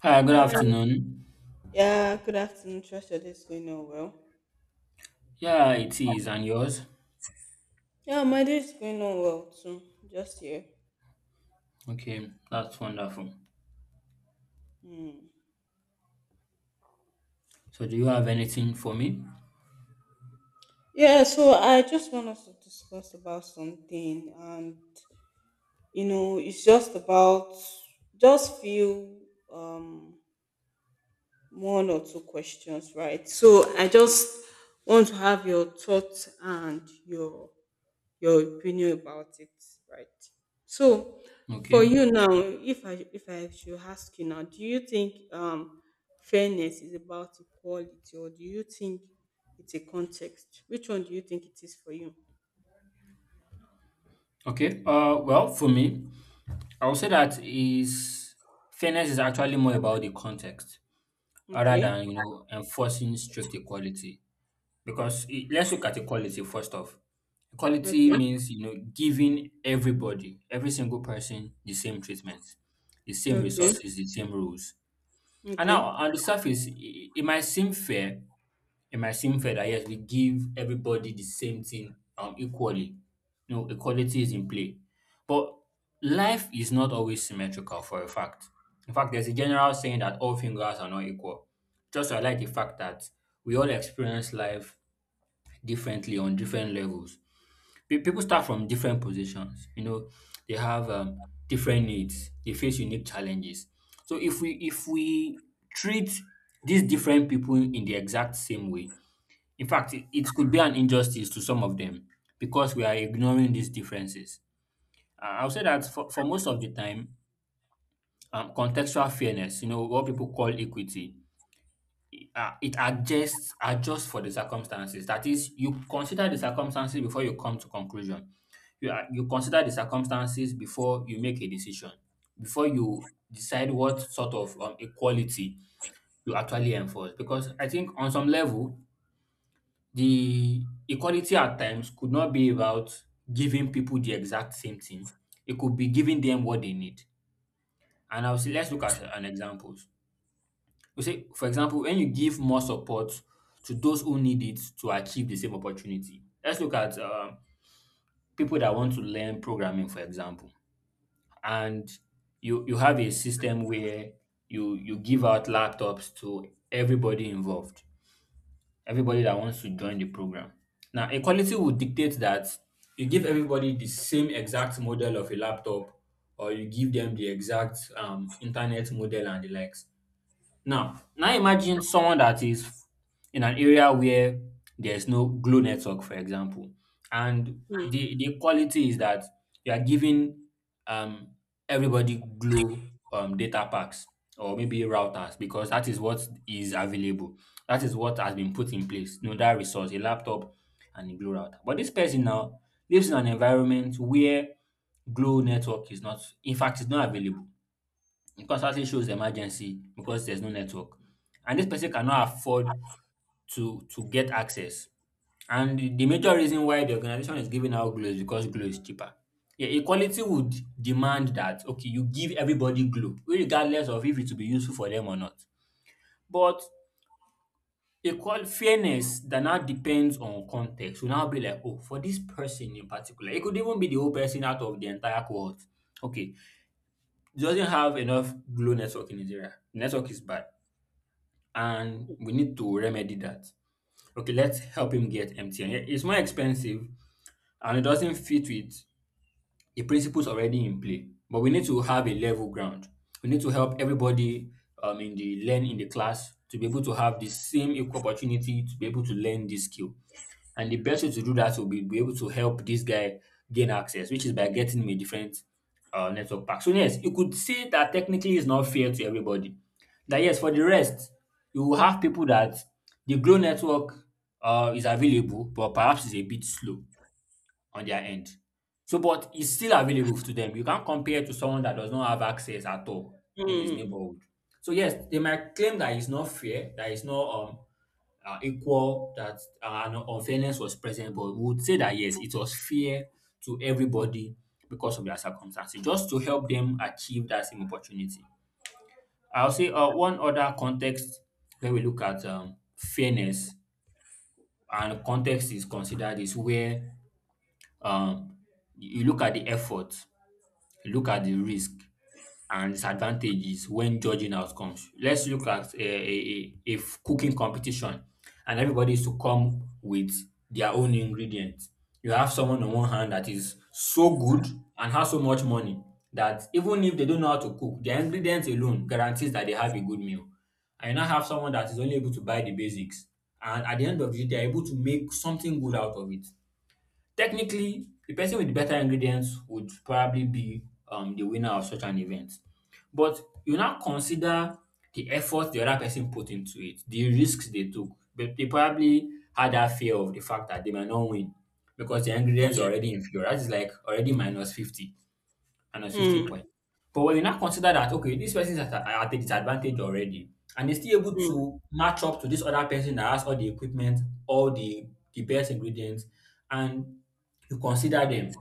Hi, good Hi. afternoon. Yeah, good afternoon. Trust your day is going on well. Yeah, it is. And yours? Yeah, my day is going on well too. Just here. Okay, that's wonderful. Hmm. So, do you have anything for me? Yeah, so I just want us to discuss about something and you know, it's just about just few um one or two questions, right? So I just want to have your thoughts and your opinion about it, right? So, Okay. for you now, if I should ask you now, do you think fairness is about equality, or do you think it's a context? Which one do you think it is for you? Okay. Well, for me, I would say that is fairness is actually more about the context rather Okay, than enforcing strict equality. Because let's look at equality first off. Equality okay, means giving everybody, every single person, the same treatment, the same okay, resources, the same rules. And now, okay. on the surface, it might seem fair. It might seem fair that yes, we give everybody the same thing equally. You know, equality is in play. But life is not always symmetrical for a fact. In fact, there's a general saying that all fingers are not equal. Just highlight the fact that we all experience life differently on different levels. People start from different positions. You know, they have different needs. They face unique challenges. So if we treat these different people in the exact same way, in fact, it could be an injustice to some of them because we are ignoring these differences. I'll say that for most of the time, contextual fairness, you know, what people call equity, it adjusts for the circumstances. That is, you consider the circumstances before you come to conclusion. You consider the circumstances before you make a decision, before you decide what sort of equality you actually enforce. Because I think on some level, the equality at times could not be about giving people the exact same thing. It could be giving them what they need. And I'll see. Let's look at an example. You say, for example, when you give more support to those who need it to achieve the same opportunity. Let's look at people that want to learn programming, for example, and you have a system where you give out laptops to everybody involved, everybody that wants to join the program. Now, equality would dictate that you give everybody the same exact model of a laptop, or you give them the exact internet model and the likes. Now, imagine someone that is in an area where there's no Glo network, for example, and Mm, the quality is that you are giving um everybody Glo data packs or maybe routers because that is what is available. That is what has been put in place. You know, that resource, a laptop and a Glo router. But this person now lives in an environment where Glo network is not, in fact, it's not available constantly shows emergency because there's no network. And this person cannot afford to get access. And the major reason why the organization is giving out Glo is because Glo is cheaper. Yeah, equality would demand that okay, you give everybody Glo, regardless of if it will be useful for them or not. But equal fairness that now depends on context will now be like, oh, for this person in particular, it could even be the whole person out of the entire cohort. Okay, he doesn't have enough Glo network in his area. The network is bad, and we need to remedy that. Okay, let's help him get MTN. It's more expensive and it doesn't fit with the principles already in play. But we need to have a level ground. We need to help everybody in the class to be able to have the same equal opportunity to be able to learn this skill. And the best way to do that will be able to help this guy gain access, which is by getting him a different network pack. So, yes, you could say that technically it's not fair to everybody. That, yes, for the rest, you will have people that the Glow network is available, but perhaps it's a bit slow on their end. So, but it's still available to them. You can't compare to someone that does not have access at all in his mm, neighborhood. So yes, they might claim that it's not fair, that it's not equal, that an unfairness was present, but we would say that yes, it was fair to everybody because of their circumstances, just to help them achieve that same opportunity. I'll say one other context where we look at fairness and context is considered is where um, you look at the effort, you look at the risk and disadvantages when judging outcomes. Let's look at a cooking competition, and everybody is to come with their own ingredients. You have someone on one hand that is so good and has so much money that even if they don't know how to cook, their ingredients alone guarantees that they have a good meal. And you now have someone that is only able to buy the basics, and at the end of the day, they are able to make something good out of it. Technically, the person with the better ingredients would probably be the winner of such an event. But you now consider the effort the other person put into it, the risks they took. But they probably had that fear of the fact that they might not win because the ingredients are mm, already inferior. That is like already minus 50 and a 50 mm, point. But when you now consider that, okay, this person is at at a disadvantage already, and they're still able mm, to match up to this other person that has all the equipment, all the best ingredients, and you consider them.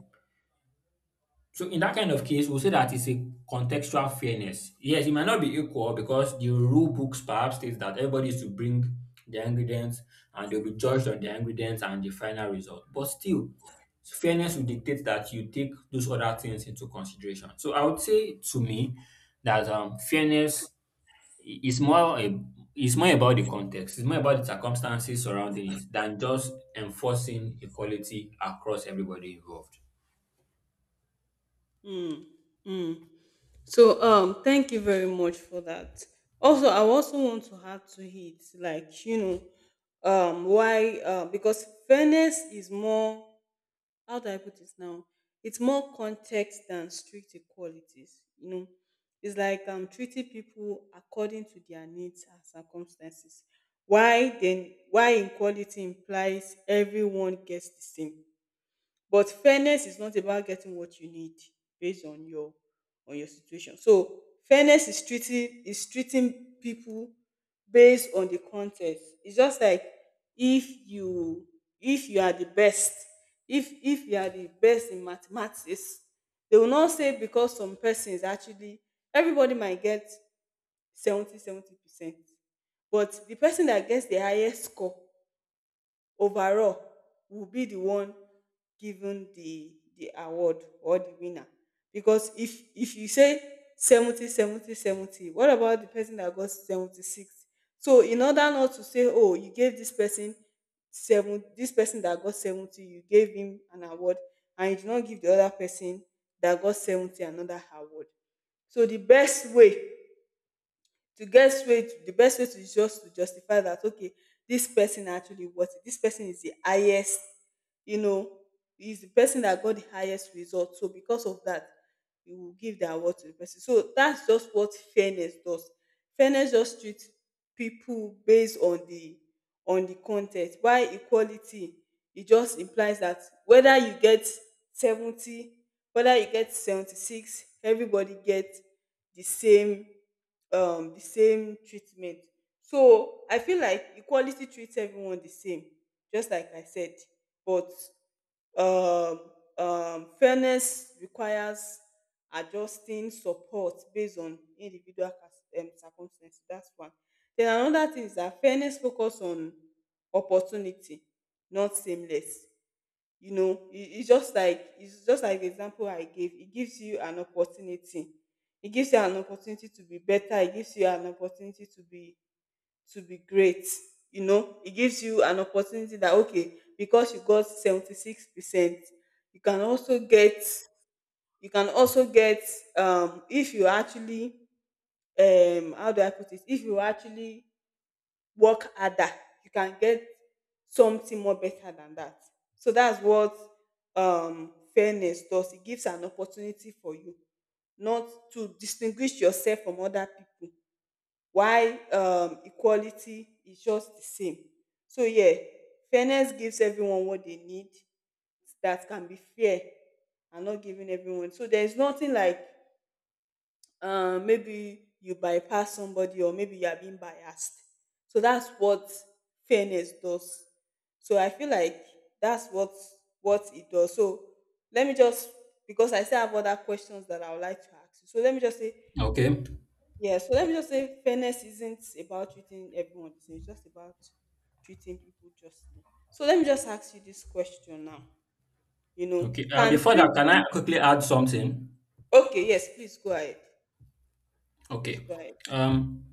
So in that kind of case, we'll say that it's a contextual fairness. Yes, it might not be equal because the rule books perhaps states that everybody is to bring their ingredients and they'll be judged on their ingredients and the final result. But still, fairness will dictate that you take those other things into consideration. So I would say to me that fairness is more is more about the context, it's more about the circumstances surrounding it than just enforcing equality across everybody involved. mm, mm. So thank you very much for that. Also, I also want to add to it, like you know, why because fairness is more, how do I put it now? It's more context than strict equalities, you know. It's like treating people according to their needs and circumstances. Why equality implies everyone gets the same, but fairness is not about getting what you need based on your situation. So fairness is treating people based on the context. It's just like if you, if you are the best, if you are the best in mathematics, they will not say because some person is actually everybody might get 70 70 percent, but the person that gets the highest score overall will be the one given the award or the winner. Because if you say 70 70 70, what about the person that got 76? So in order not to say, oh, you gave this person seven, this person that got 70, you gave him an award, and you did not give the other person that got 70 another award. So the best way to guess way the best way to just to justify that, okay, this person actually worth it, this person is the highest, you know, is the person that got the highest result. So because of that, you will give the award to the person. So that's just what fairness does. Fairness just treats people based on the content, while equality, it just implies that whether you get 70, whether you get 76, everybody gets the same the same treatment. So I feel like equality treats everyone the same, just like I said. But um fairness requires adjusting support based on individual circumstances, that's one. Then another thing is that fairness focus on opportunity, not sameness. You know, it's just like, it's just like the example I gave, it gives you an opportunity, it gives you an opportunity to be better, it gives you an opportunity to be great. You know, it gives you an opportunity that okay, because you got 76%, you can also get, you can also get if you actually, how do I put it, if you actually work harder, you can get something more better than that. So that's what fairness does, it gives an opportunity for you not to distinguish yourself from other people, while equality is just the same. So yeah, fairness gives everyone what they need, that can be fair, and not giving everyone, so there's nothing like maybe you bypass somebody or maybe you are being biased. So that's what fairness does. So I feel like that's what it does. So let me just, because I still have other questions that I would like to ask you. So let me just say Okay. yeah. So let me just say fairness isn't about treating everyone the same. It's just about treating people justly. So let me just ask you this question now. You know, Okay. Can Before that, can I treating, quickly add something? okay? Yes, please go ahead. Please Okay. go ahead. Um,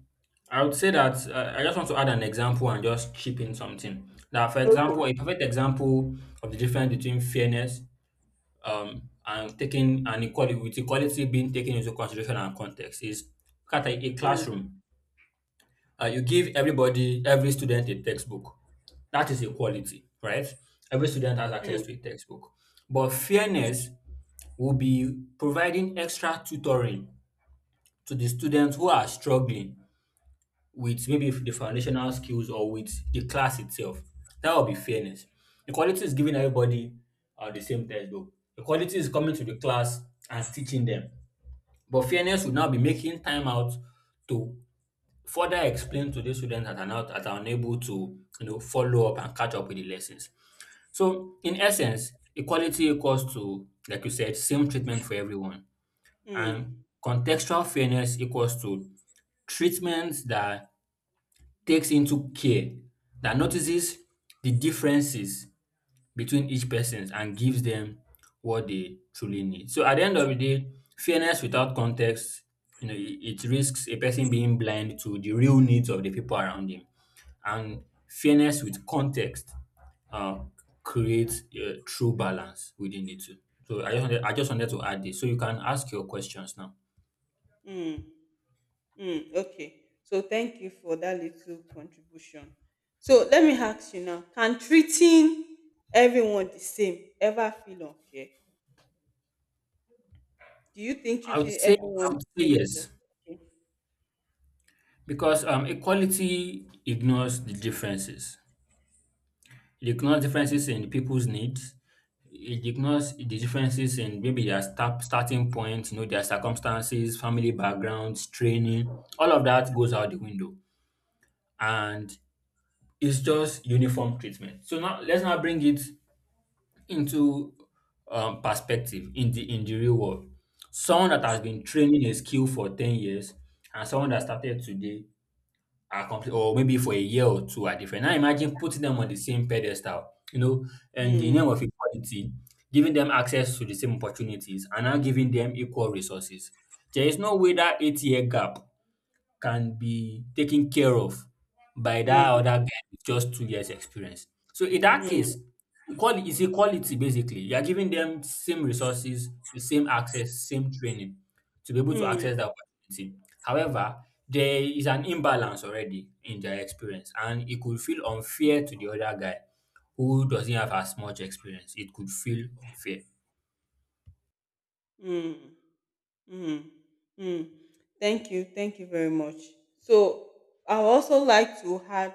I would say that I just want to add an example and just chip in something. Now, for Okay. example, a perfect example of the difference between fairness and taking an equality, with equality being taken into consideration and context, is look at a Mm, classroom. You give everybody, every student a textbook. That is equality, right? Every student has access mm, to a textbook. But fairness will be providing extra tutoring to the students who are struggling with maybe the foundational skills or with the class itself. That would be fairness. Equality is giving everybody the same textbook. Equality is coming to the class and teaching them. But fairness would now be making time out to further explain to the students that are not that are unable to you know follow up and catch up with the lessons. So in essence, equality equals to, like you said, same treatment for everyone. And mm. contextual fairness equals to treatment that takes into care, that notices the differences between each person and gives them what they truly need. So at the end of the day, fairness without context, you know, it risks a person being blind to the real needs of the people around him. And fairness with context uh, creates a true balance within the two. So I just wanted to add this. So you can ask your questions now. Mm, mm, okay. So thank you for that little contribution. So let me ask you now, can treating everyone the same ever feel unfair? Do you think treating everyone I the would say same feel yes. unfair? Because equality ignores the differences. It ignores differences in people's needs. It ignores the differences in maybe their starting point, you know, their circumstances, family backgrounds, training. All of that goes out the window, and it's just uniform treatment. So now let's now bring it into perspective in the real world. Someone that has been training a skill for 10 years and someone that started today are complete or maybe for a year or two are different. Now imagine putting them on the same pedestal, you know, and the name Mm, of equality, giving them access to the same opportunities and now giving them equal resources. There is no way that 8 year gap can be taken care of by that mm, other guy with just 2 years experience. So in that mm, case, equality basically. You are giving them same resources, the same access, same training to be able to mm, access that opportunity. However, there is an imbalance already in their experience and it could feel unfair to the other guy who doesn't have as much experience. It could feel unfair. mm. Mm, mm. Thank you very much. So I would also like to add,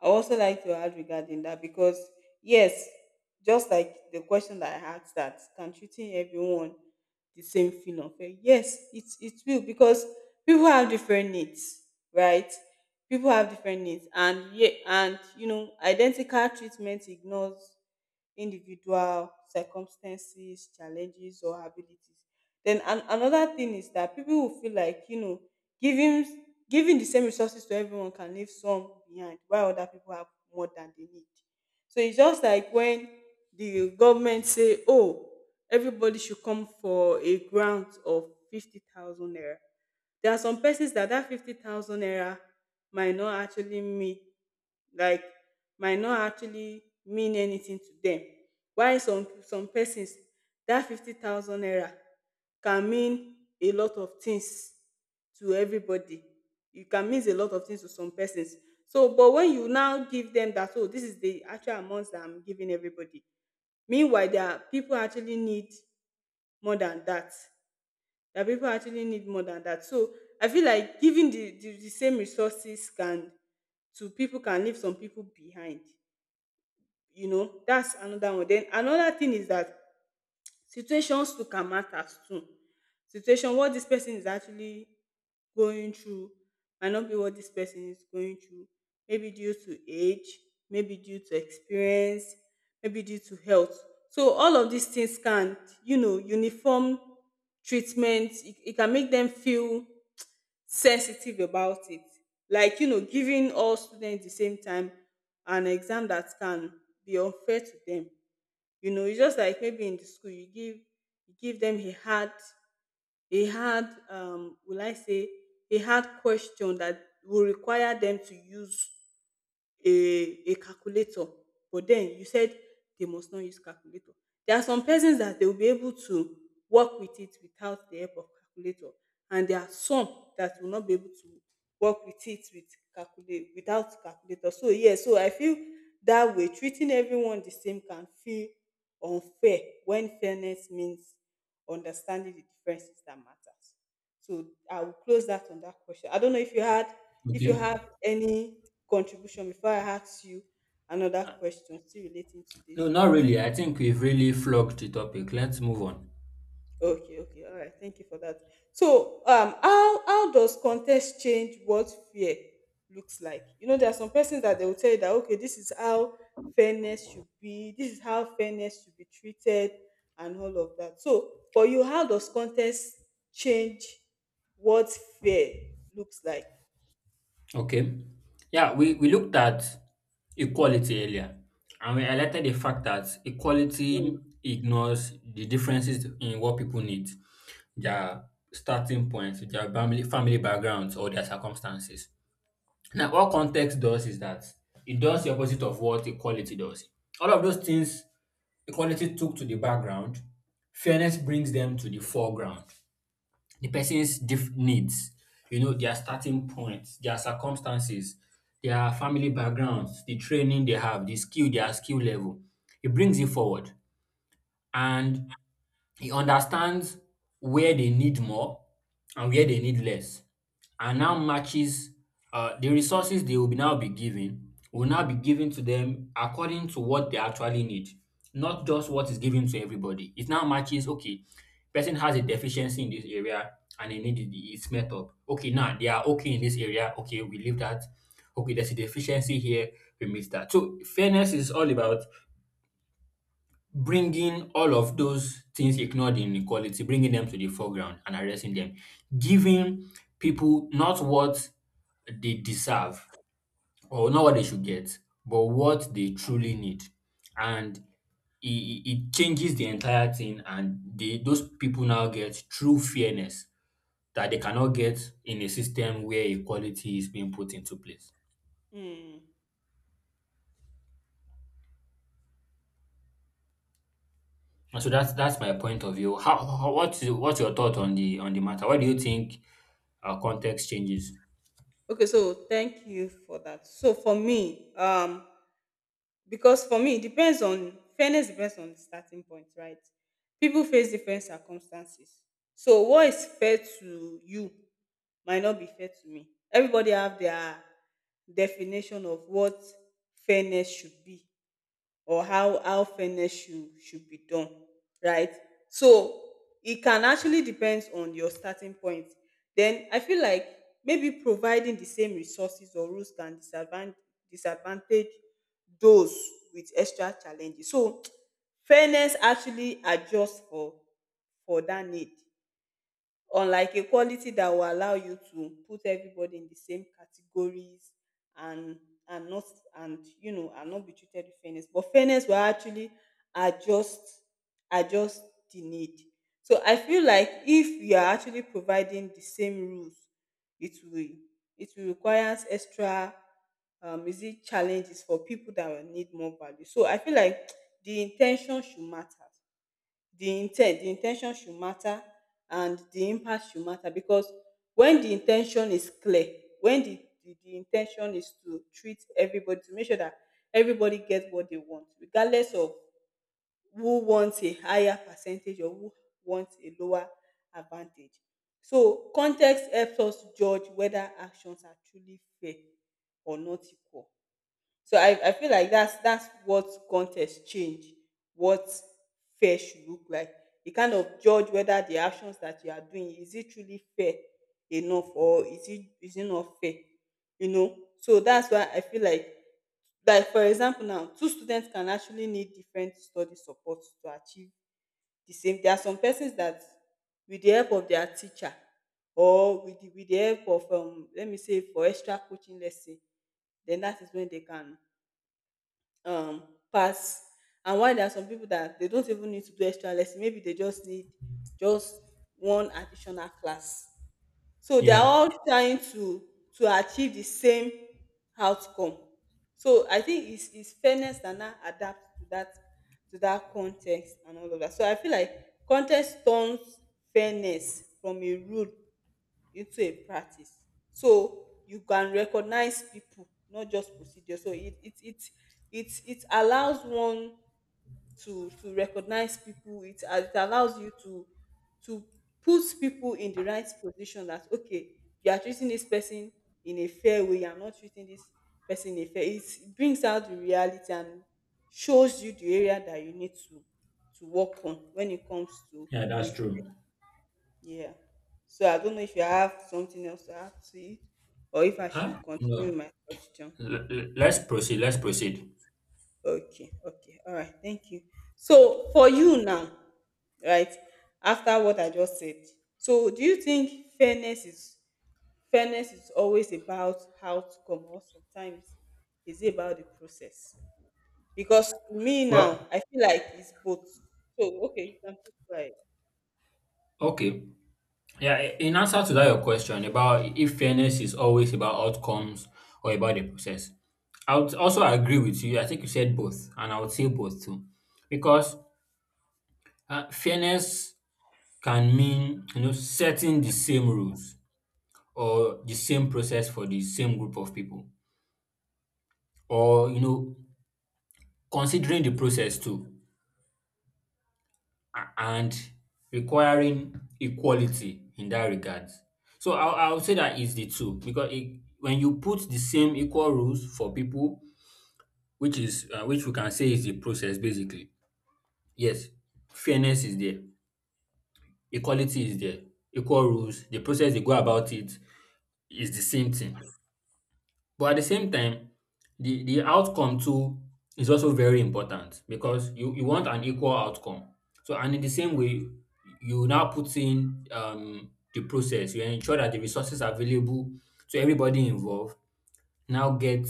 I would also like to add regarding that, because yes, just like the question that I asked, that can treating everyone the same feel unfair? Yes, it will, because people have different needs, right? People have different needs, and yeah, and you know, identical treatment ignores individual circumstances, challenges, or abilities. Then another thing is that people will feel like, you know, giving giving the same resources to everyone can leave some behind while other people have more than they need. So it's just like when the government say, "Oh, everybody should come for a grant of 50,000 naira." There are some persons that that 50,000 naira might not actually mean like might not actually mean anything to them. While some persons, that 50,000 naira can mean a lot of things to everybody. It can mean a lot of things to some persons. So, but when you now give them that, oh, this is the actual amounts that I'm giving everybody. Meanwhile, there are people actually need more than that, people actually need more than that. So I feel like giving the same resources can, to people, can leave some people behind. You know, that's another one. Then another thing is that, situations too can matters too. Situation, what this person is actually going through might not be what this person is going through. Maybe due to age, maybe due to experience, maybe due to health. So all of these things can, you know, uniform treatment, It e can make them feel sensitive about it. Like, you know, giving all students the same time an exam, that can be unfair to them. You know, it's just like maybe in the school you give them a hard, a hard will I say a hard question that will require them to use a a calculator, but then you said they must not use calculator. There are some persons that they will be able to work with it without the help of calculator, and there are some that will not be able to work with it with calculate without calculator. So yeah, so I feel that way treating everyone the same can feel unfair when fairness means understanding the differences that matters. So I will close that on that question. I don't know if you had, if you Okay. have any contribution before I ask you another question still relating to No, this. not really. I think we've really flogged the topic. Let's move on. Okay, okay, all right. Thank you for that. So, how does context change what fear looks like? You know, there are some persons that they will tell you that okay, this is how fairness should be, this is how fairness should be treated, and all of that. So, for you, how does context change what fear looks like? Okay. Yeah, we looked at equality earlier and we highlighted the fact that Mm. equality ignores the differences in what people need, their starting points, their family backgrounds, or their circumstances. Now, what context does is that it does the opposite of what equality does. All of those things equality took to the background, fairness brings them to the foreground the needs, you know, their starting points, their circumstances, their family backgrounds, the training they have, the skill, their skill level. It brings it forward. And he understands where they need more and where they need less, and now matches the resources they will be now be given to them according to what they actually need, not just what is given to everybody. It now matches okay, person has a deficiency in this area and they need it, it's met up. Okay, now they are okay in this area. Okay, we leave that. Okay, there's a deficiency here, we miss that. So fairness is all about bringing all of those things ignored in equality, bringing them to the foreground and addressing them, giving people not what they deserve or not what they should get, but what they truly need. And it changes the entire thing, and those people now get true fairness that they cannot get in a system where equality is being put into place. Mm. And so that's my point of view. How what's your thought on the matter? What do you think our context changes. Okay, so thank you for that. So for me, because for me, it depends on, fairness depends on the starting point, right? People face different circumstances. So what is fair to you might not be fair to me. Everybody have their definition of what fairness should be or how fairness should be done, right? So it can actually depends on your starting point. Then I feel like maybe providing the same resources or rules can disadvantage those with extra challenges. So fairness actually adjusts for that need, unlike equality that will allow you to put everybody in the same categories and and not and you know, and not be treated with fairness, but fairness will actually adjust adjust the need. So I feel like if you are actually providing the same rules, it will it will require extra, is it challenges for people that will need more value. So I feel like the intention should matter, the intent the in ten tion should matter, and the impact should matter. Because when the in ten tion is clear, when the in ten tion is to treat everybody, to make sure that everybody get what they want, regardless of who wants a higher percentage or who wants a lower advantage. So context helps us judge whether actions are truly fair or not equal. So I feel like that's what contest change, what fair should look like. You kind of judge whether the actions that you are doing is it truly fair enough or is it not fair, you know. So that's why I feel like for example now two students can actually need different study support to achieve the same. There are some persons that with the help of their teacher or with the help of let me say for extra coaching, let's say, then that is when they can um pass. And why there are some people that they don't even need to do extra lesson, maybe they just need just one additional class. So they are Yeah, all trying to achieve the same outcome. So I think it's fairness that now adapt to that, to that context and all of that. So I feel like context turns fairness from a rule into a practice. So you can recognize people, not just procedure. So it allows one to recognize people. It allows you to put people in the right position, that okay, you are treating this person in a fair way, you are not treating this person in a fair. It brings out the reality and shows you the area that you need to work on when it comes to yeah, that's being, true. yeah. So I don't know if you have something else to add to it, or if I Huh? should continue with No. my question. Let's proceed. Let's proceed. Okay, okay. All right, thank you. So for you now, right, after what I just said, so do you think fairness is, fairness is always about how to come, or sometimes is it about the process? Because to me now, Well, I feel like it's both. So okay, you can keep okay. Yeah, in answer to that, your question about if fairness is always about outcomes or about the process, I would also agree with you. I think you said both, and I would say both too, because fairness can mean, you know, setting the same rules or the same process for the same group of people, or you know considering the process too and requiring equality in that regard. So I would say that is the two because it, when you put the same equal rules for people, which is which we can say is the process basically. Yes, fairness is there, equality is there, equal rules. The process they go about it is the same thing. But at the same time, the outcome too is also very important because you want an equal outcome. So and in the same way, you now put in the process. You ensure that the resources available to everybody involved now get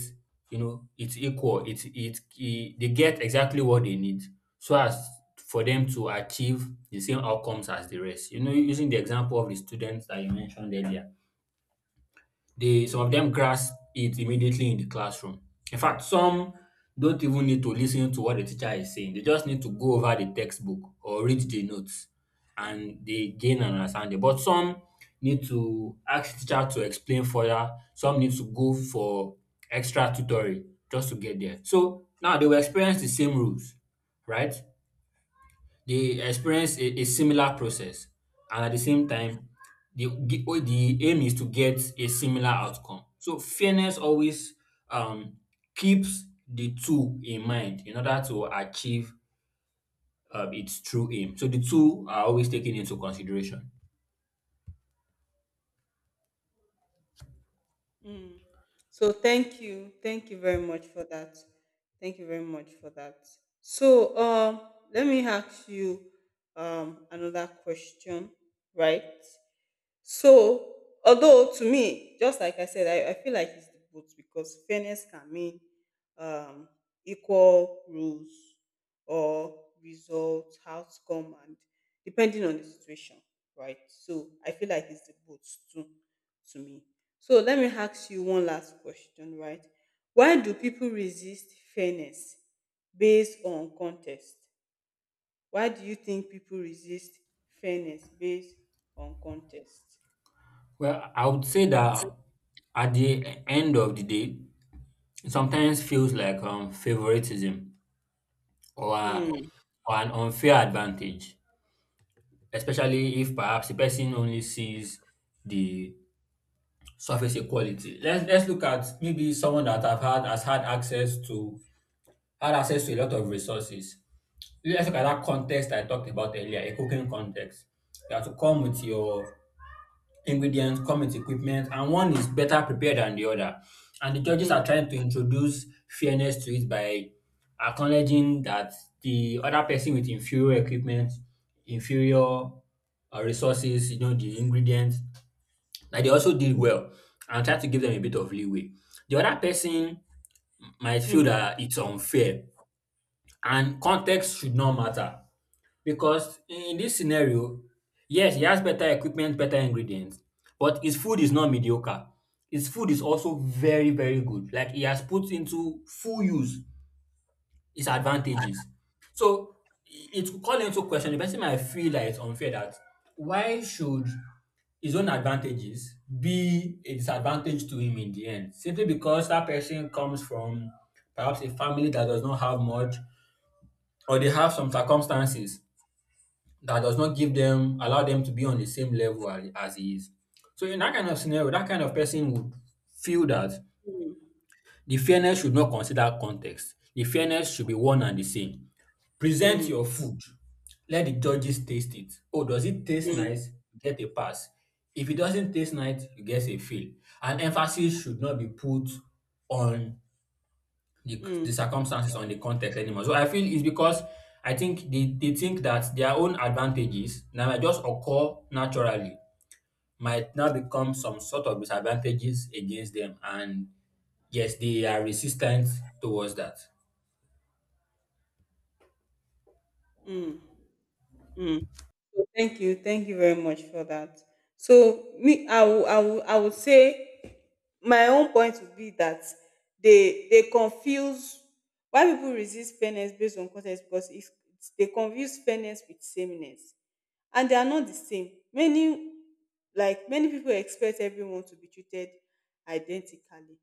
you know it's equal. It's it, it they get exactly what they need so as for them to achieve the same outcomes as the rest. You know, using the example of the students that you mentioned earlier they some of quiet. them grasp it immediately in the classroom. In fact, some don't even need to listen to what the teacher is saying. They just need to go over the textbook or read the notes and they gain an understanding. But some need to ask the teacher to explain further. Some need to go for extra tutoring just to get there. So now they will experience the same rules, right? They experience a similar process and at the same time the aim is to get a similar outcome. So fairness always um keeps the two in mind in order to achieve its true aim. So the two are always taken into consideration. Mm. So thank you. Thank you very much for that. Thank you very much for that. So let me ask you another question, right? So, although to me, just like I said, I feel like it's the both, because fairness can mean um, equal rules or results, outcome, and depending on the situation, right? So, I feel like it's the both too, to me. So, let me ask you one last question, right? Why do people resist fairness based on context? Why do you think people resist fairness based on context? Well, I would say that at the end of the day, it sometimes feels like favoritism or Mm, or an unfair advantage, especially if perhaps the person only sees the surface equality. Let's look at maybe someone that have had has had access to, a lot of resources. Let's look at that context I talked about earlier, a cooking context. You have to come with your ingredients, come with equipment, and one is better prepared than the other. And the judges are mm, trying to introduce fairness to it by acknowledging that the other person with inferior equipment, inferior resources, you know, the ingredients, that they also did well and try to give them a bit of leeway. The other person might feel mm, that it's unfair and context should not matter. Because in this scenario, yes, he has better equipment, better ingredients, but his food is not mediocre. His food is also very, very good. Like he has put into full use his advantages. So it will call into question the person might feel like it's unfair that why should his own advantages be a disadvantage to him in the end? Simply because that person comes from perhaps a family that does not have much or they have some circumstances that does not give them allow them to be on the same level as he is. So in that kind of scenario, that kind of person would feel that mm, the fairness should not consider context. The fairness should be one and the same. Present mm, your food. Let the judges taste it. Oh, does it taste mm, nice? You get a pass. If it doesn't taste nice, you get a fail. And emphasis should not be put on the mm, circumstances on the context anymore. So I feel it's because I think they think that their own advantages that might just occur naturally might now become some sort of disadvantages against them. And yes, they are resistant towards that. mm, mm. So thank you very much for that. So me, I will, I will, I would say my own point would be that they confuse, why people resist fairness based on context, because they confuse fairness with sameness, and they are not the same. Many, like many people expect everyone to be treated identically,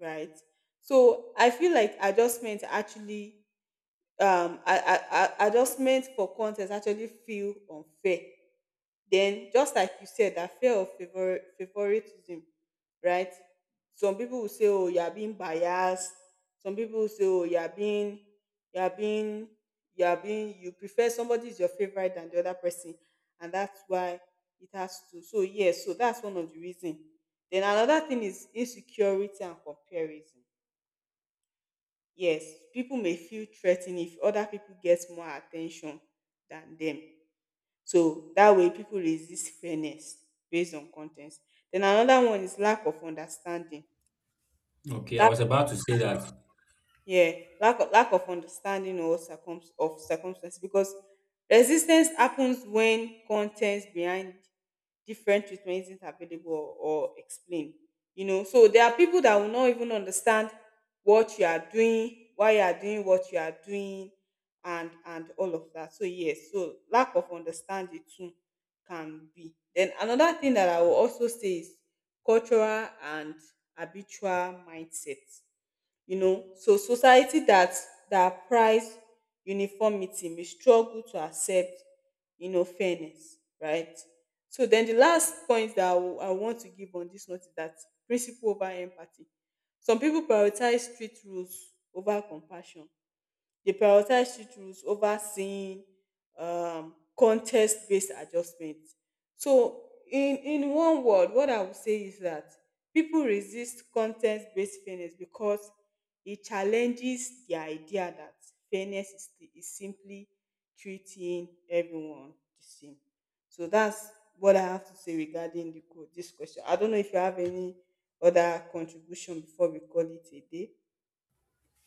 right? So I feel like adjustment actually adjustment for content actually feel unfair. Then just like you said, that fear of favoritism, right? Some people will say, "Oh, you are being biased." Some people will say, "Oh, you are being, you are being, you are being. You prefer somebody is your favorite than the other person, and that's why it has to." So yes, so that's one of the reason. Then another thing is insecurity and comparison. Yes, people may feel threatened if other people get more attention than them. So that way, people resist fairness based on content. Then another one is lack of understanding. Okay, I was about to say that. Yeah, lack of understanding or of circumstance, because resistance happens when contents behind different treatment isn't available or explained. You know, so there are people that will not even understand what you are doing, why you are doing what you are doing, and all of that. So yes, so lack of understanding too can be. Then another thing that I will also say is cultural and habitual mindset. You know, so society that that prize uniformity may struggle to accept, you know, fairness, right? So then the last point that I want to give on this note is that principle over empathy. Some people prioritize strict rules over compassion. They prioritize strict rules over seeing context based adjustments. So, in one word, what I would say is that people resist content based fairness because it challenges the idea that fairness is, is simply treating everyone the same. So, that's what I have to say regarding the, this question. I don't know if you have any other contribution before we call it a day.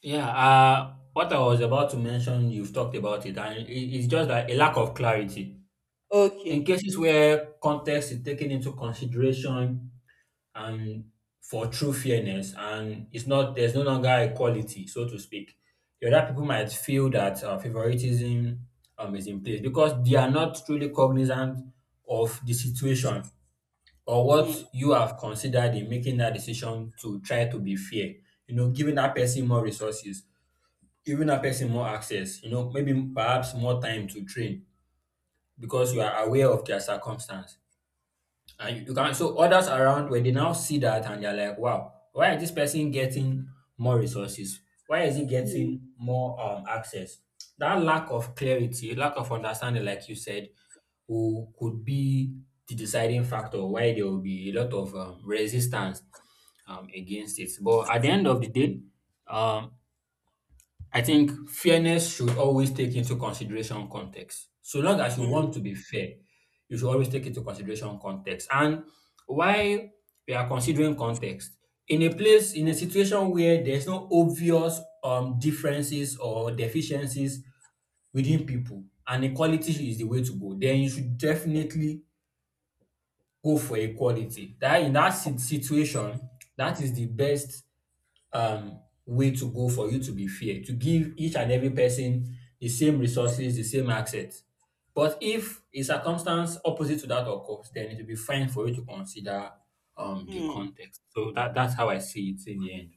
Yeah, what I was about to mention, you've talked about it, and it's just that a lack of clarity. In Okay. cases where context is taken into consideration, and for true fairness and it's not there's no longer equality so to speak the other people might feel that favoritism is in place because they are not truly cognizant of the situation or Hmm. what you have considered in making that decision to try to be fair, you know, giving that person more resources, giving that person more access, you know, maybe perhaps more time to train because you are aware of their circumstance and you can so others around where they now see that and they're like, wow, why is this person getting more resources? Why is he Hmm. getting more access? That lack of clarity, lack of understanding, like you said, who could be the deciding factor why there will be a lot of resistance against it. But at the end of the day, um, I think fairness should always take into consideration context. So long as you want Hmm. to be fair, you should always take into consideration context. And why we are considering context in a place in a Mm, situation where there's no obvious differences or deficiencies within people and equality is the way to go, then you should definitely go for equality. That in that situation, that is the best way to go for you to be fair, to give each and every person the same resources, the same access. But if a circumstance opposite to that occurs, then it will be fine for you to consider the mm. context. So that's how I see it in the end.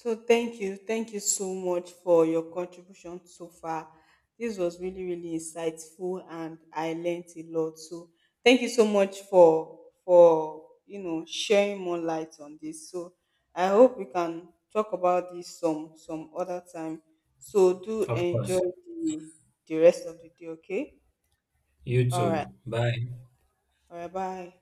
So thank you. Thank you so much for your contribution so far. This was really, really insightful and I learned a lot. So thank you so much for you know sharing more light on this. So I hope we can talk about this some other time. So do Of enjoy course. the the rest of the day, okay? You All right. too. Bye. All right, bye.